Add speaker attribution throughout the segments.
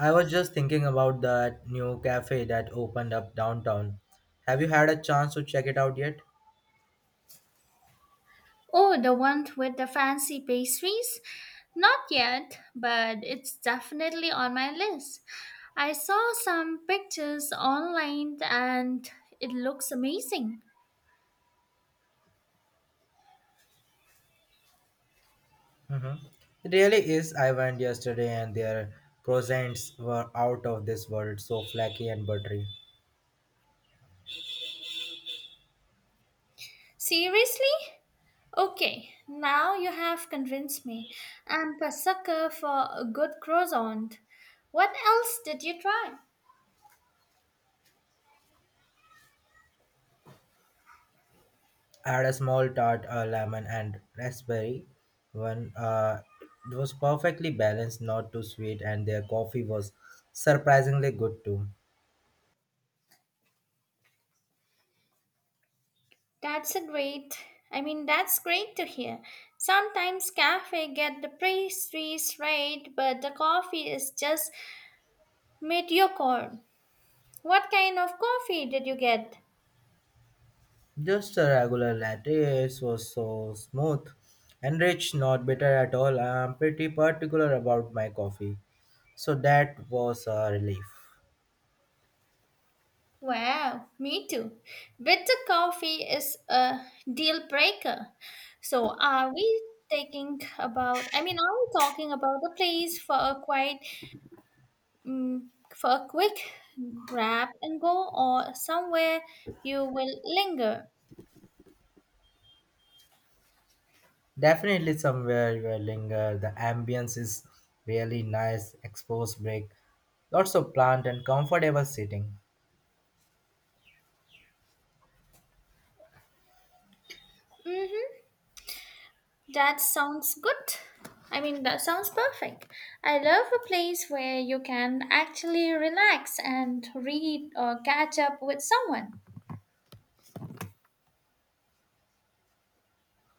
Speaker 1: I was just thinking about that new cafe that opened up downtown. Have you had a chance to check it out yet?
Speaker 2: Oh, the one with the fancy pastries? Not yet, but it's definitely on my list. I saw some pictures online and it looks amazing.
Speaker 1: Hmm. It really is. I went yesterday and their croissants were out of this world, so flaky and buttery.
Speaker 2: Seriously? Okay, now you have convinced me. I'm a sucker for a good croissant. What else did you try?
Speaker 1: I had a small tart, a lemon, and raspberry one. It was perfectly balanced, not too sweet, and their coffee was surprisingly good too.
Speaker 2: That's a great. I mean, that's great to hear. Sometimes cafe get the pastries right, but the coffee is just Meteor. What kind of coffee did you get?
Speaker 1: Just a regular latte. It was so smooth and rich, not bitter at all. I'm pretty particular about my coffee, so that was a relief.
Speaker 2: Wow, me too. Bitter coffee is a deal breaker. So are we taking about I mean, are we talking about a place for a quiet mm for a quick grab and go or somewhere you will linger?
Speaker 1: Definitely somewhere you will linger. The ambience is really nice, exposed break, lots of plant and comfortable sitting.
Speaker 2: Mhm. That sounds good. I mean, that sounds perfect. I love a place where you can actually relax and read or catch up with someone.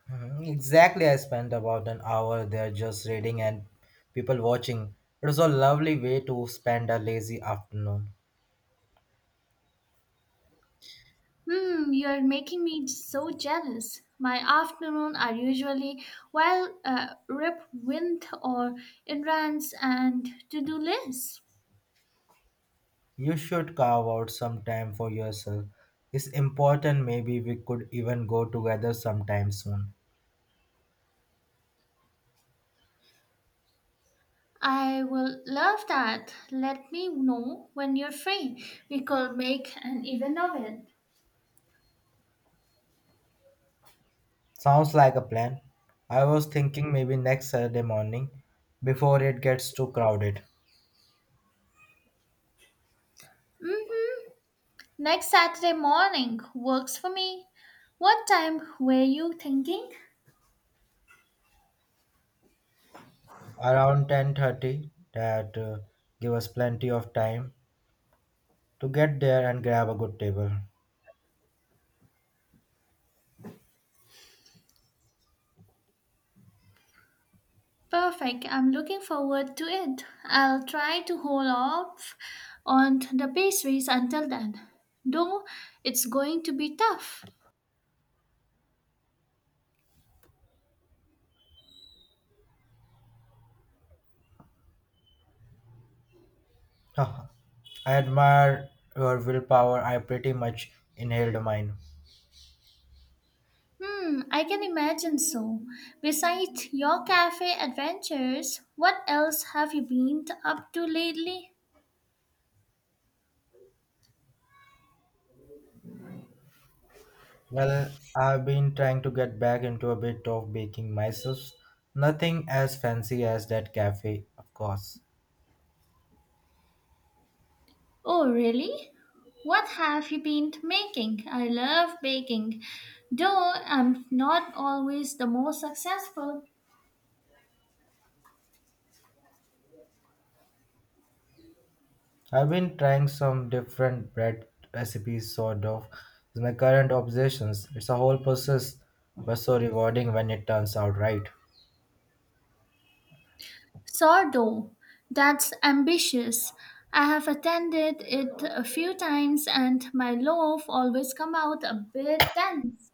Speaker 1: Mhm. Exactly, I spent about an hour there just reading and people watching. It was a lovely way to spend a lazy afternoon.
Speaker 2: Hmm, you're making me so jealous. My afternoon are usually well, rip wind or in runs and to-do lists.
Speaker 1: You should carve out some time for yourself. It's important. Maybe we could even go together sometime soon.
Speaker 2: I will love that. Let me know when you're free. We could make an event of it.
Speaker 1: Sounds like a plan. I was thinking maybe next Saturday morning before it gets too crowded.
Speaker 2: Mhm. Next Saturday morning works for me. What time were you thinking?
Speaker 1: Around 10:30, that give us plenty of time to get there and grab a good table.
Speaker 2: Perfect. I'm looking forward to it. I'll try to hold off on the pastries until then. Though it's going to be tough.
Speaker 1: I admire your willpower. I pretty much inhaled mine.
Speaker 2: Hmm, I can imagine so. Besides your cafe adventures, what else have you been up to lately?
Speaker 1: Well, I've been trying to get back into a bit of baking myself. Nothing as fancy as that cafe, of course.
Speaker 2: Oh, really? What have you been making? I love baking, though I'm not always the most successful.
Speaker 1: I've been trying some different bread recipes, sort of. It's my current obsessions. It's a whole process, but so rewarding when it turns out right.
Speaker 2: Sourdough. That's ambitious. I have attended it a few times and my loaf always come out a bit dense.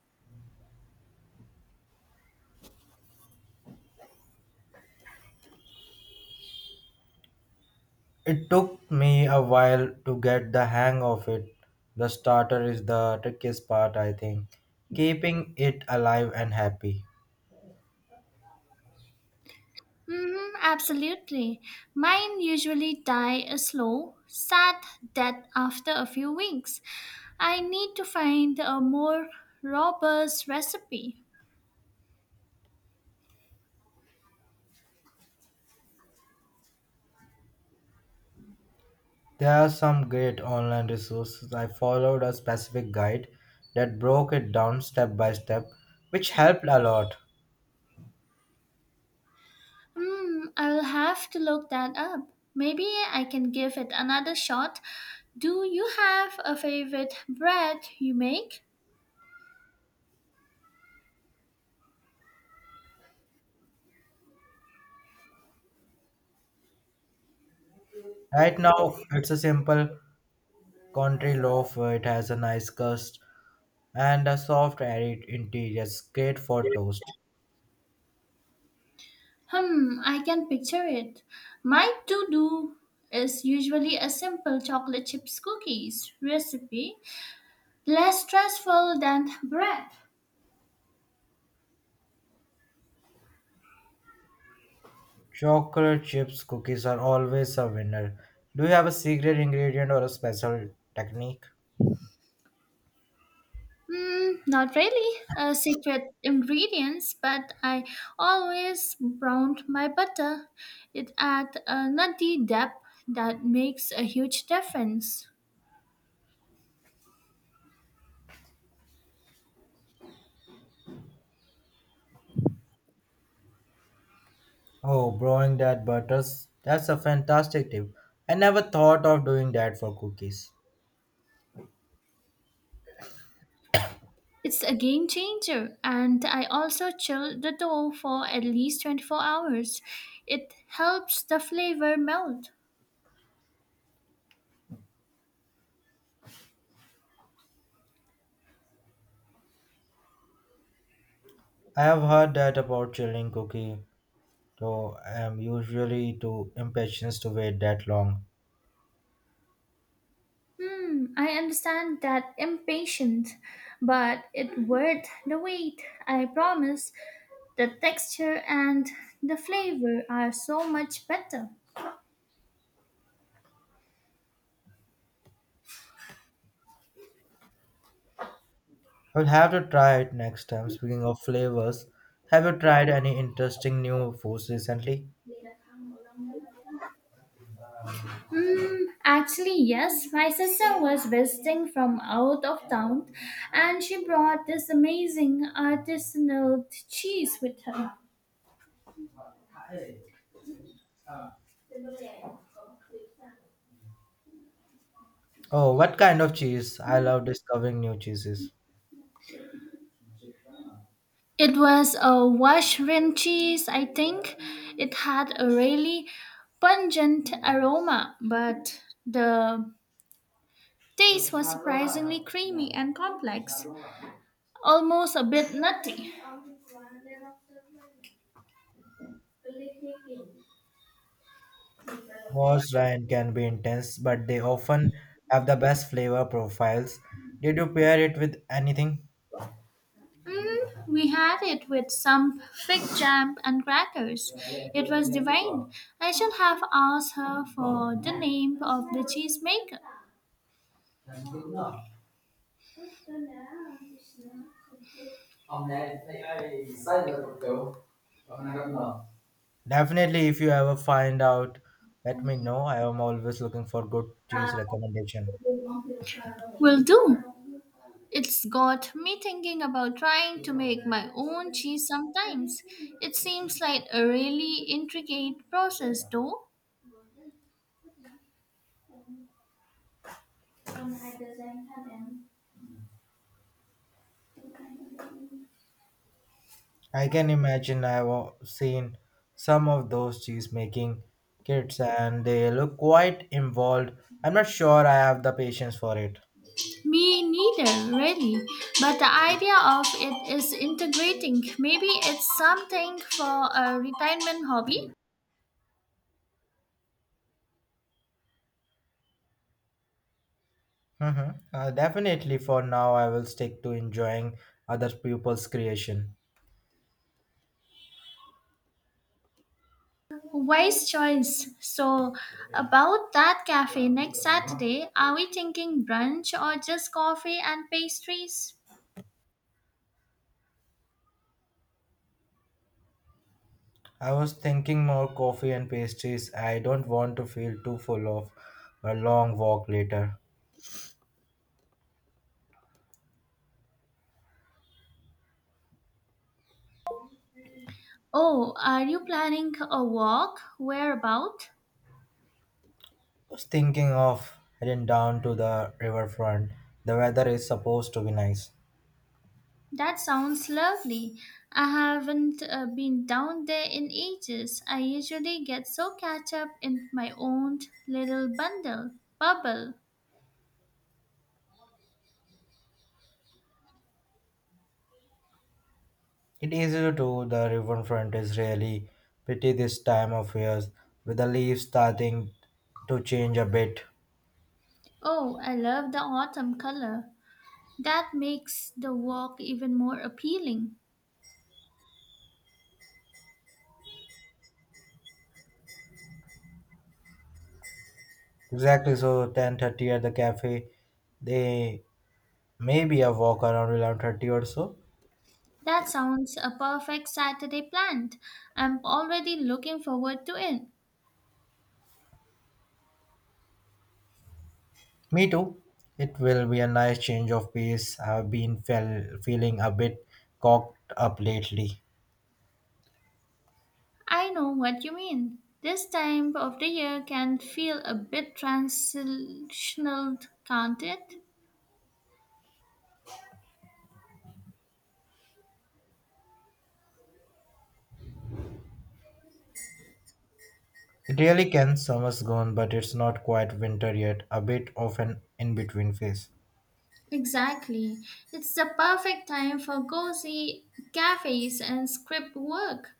Speaker 1: It took me a while to get the hang of it. The starter is the trickiest part, I think. Keeping it alive and happy.
Speaker 2: Mm-hmm, absolutely. Mine usually die a slow, sad death after a few weeks. I need to find a more robust recipe.
Speaker 1: There are some great online resources. I followed a specific guide that broke it down step by step, which helped a lot.
Speaker 2: Hmm, I'll have to look that up. Maybe I can give it another shot. Do you have a favorite bread you make?
Speaker 1: Right now, it's a simple country loaf. It has a nice crust and a soft, airy interior. It's great for toast.
Speaker 2: Hmm, I can picture it. My to do is usually a simple chocolate chips cookies recipe, less stressful than bread.
Speaker 1: Chocolate chips cookies are always a winner. Do you have a secret ingredient or a special technique?
Speaker 2: Mm, not really secret ingredients, but I always browned my butter. It adds a nutty depth that makes a huge difference.
Speaker 1: Oh, brewing that butters. That's a fantastic tip. I never thought of doing that for cookies.
Speaker 2: It's a game changer, and I also chill the dough for at least 24 hours. It helps the flavor melt.
Speaker 1: I have heard that about chilling cookie, though I am usually too impatient to wait that long.
Speaker 2: Hmm, I understand that impatient, but it worth the wait. I promise. The texture and the flavor are so much better.
Speaker 1: I will have to try it next time. Speaking of flavors, have you tried any interesting new foods recently?
Speaker 2: Mm, actually, yes. My sister was visiting from out of town and she brought this amazing artisanal cheese with her.
Speaker 1: Oh, what kind of cheese? I love discovering new cheeses.
Speaker 2: It was a Washrin cheese, I think. It had a really pungent aroma, but the taste was surprisingly creamy and complex, almost a bit nutty.
Speaker 1: Most Ryan can be intense, but they often have the best flavor profiles. Did you pair it with anything?
Speaker 2: Mm, we had it with some fig jam and crackers. It was divine. I should have asked her for the name of the cheesemaker.
Speaker 1: Definitely, if you ever find out, let me know. I am always looking for good cheese recommendation.
Speaker 2: Will do. It's got me thinking about trying to make my own cheese sometimes. It seems like a really intricate process, though.
Speaker 1: I can imagine. Seen some of those cheese making kits and they look quite involved. I'm not sure I have the patience for it.
Speaker 2: Me neither, really. But the idea of it is integrating. Maybe it's something for a retirement hobby.
Speaker 1: Hmm. Definitely for now, I will stick to enjoying other people's creation.
Speaker 2: Wise choice. So, about that cafe next Saturday, are we thinking brunch or just coffee and pastries?
Speaker 1: I was thinking more coffee and pastries. I don't want to feel too full of a long walk later.
Speaker 2: Oh, are you planning a walk? Where about?
Speaker 1: I was thinking of heading down to the riverfront. The weather is supposed to be nice.
Speaker 2: That sounds lovely. I haven't been down there in ages. I usually get so catch up in my own little bundle, bubble.
Speaker 1: It is easy to do. The riverfront is really pretty this time of years, with the leaves starting to change a bit.
Speaker 2: Oh, I love the autumn color. That makes the walk even more appealing.
Speaker 1: Exactly, so 10:30 at the cafe, they maybe a walk around 11:30 or so.
Speaker 2: That sounds a perfect Saturday plan. I'm already looking forward to it.
Speaker 1: Me too. It will be a nice change of pace. Feeling a bit cocked up lately.
Speaker 2: I know what you mean. This time of the year can feel a bit transitional, can't it?
Speaker 1: It really can. Summer's gone, but it's not quite winter yet. A bit of an in-between phase.
Speaker 2: Exactly. It's the perfect time for cozy cafes and script work.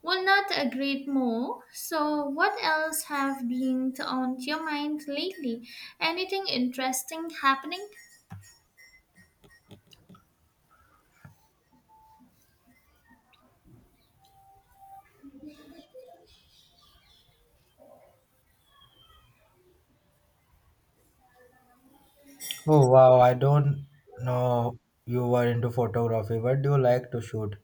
Speaker 2: Will not agree more. So, what else have been on your mind lately? Anything interesting happening?
Speaker 1: Oh wow, I don't know you were into photography. What do you like to shoot?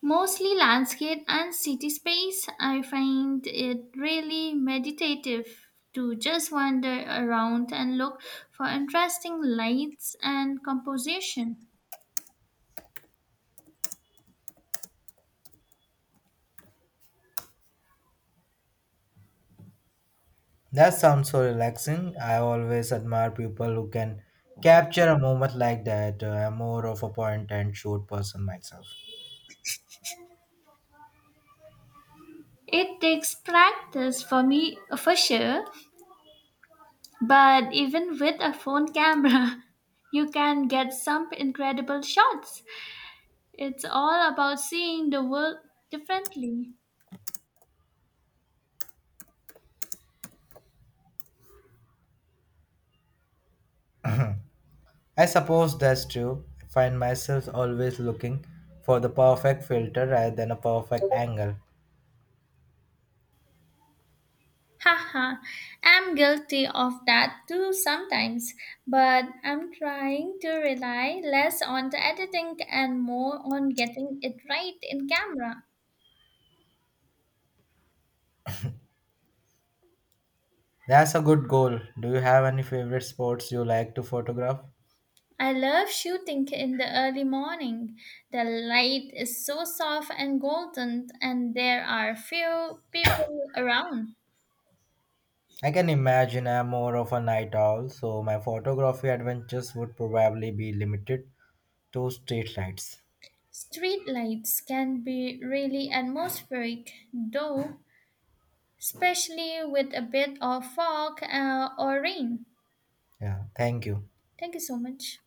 Speaker 2: Mostly landscape and city space. I find it really meditative to just wander around and look for interesting lights and composition.
Speaker 1: That sounds so relaxing. I always admire people who can capture a moment like that. I'm more of a point and shoot person myself.
Speaker 2: It takes practice for me for sure, but even with a phone camera, you can get some incredible shots. It's all about seeing the world differently.
Speaker 1: I suppose that's true. I find myself always looking for the perfect filter rather than a perfect angle.
Speaker 2: Haha, I'm guilty of that too sometimes, but I'm trying to rely less on the editing and more on getting it right in camera.
Speaker 1: That's a good goal. Do you have any favorite sports you like to photograph?
Speaker 2: I love shooting in the early morning. The light is so soft and golden, and there are few people around.
Speaker 1: I can imagine. I'm more of a night owl, so my photography adventures would probably be limited to street lights.
Speaker 2: Street lights can be really atmospheric, though, especially with a bit of fog, or rain.
Speaker 1: Yeah, thank you.
Speaker 2: Thank you so much.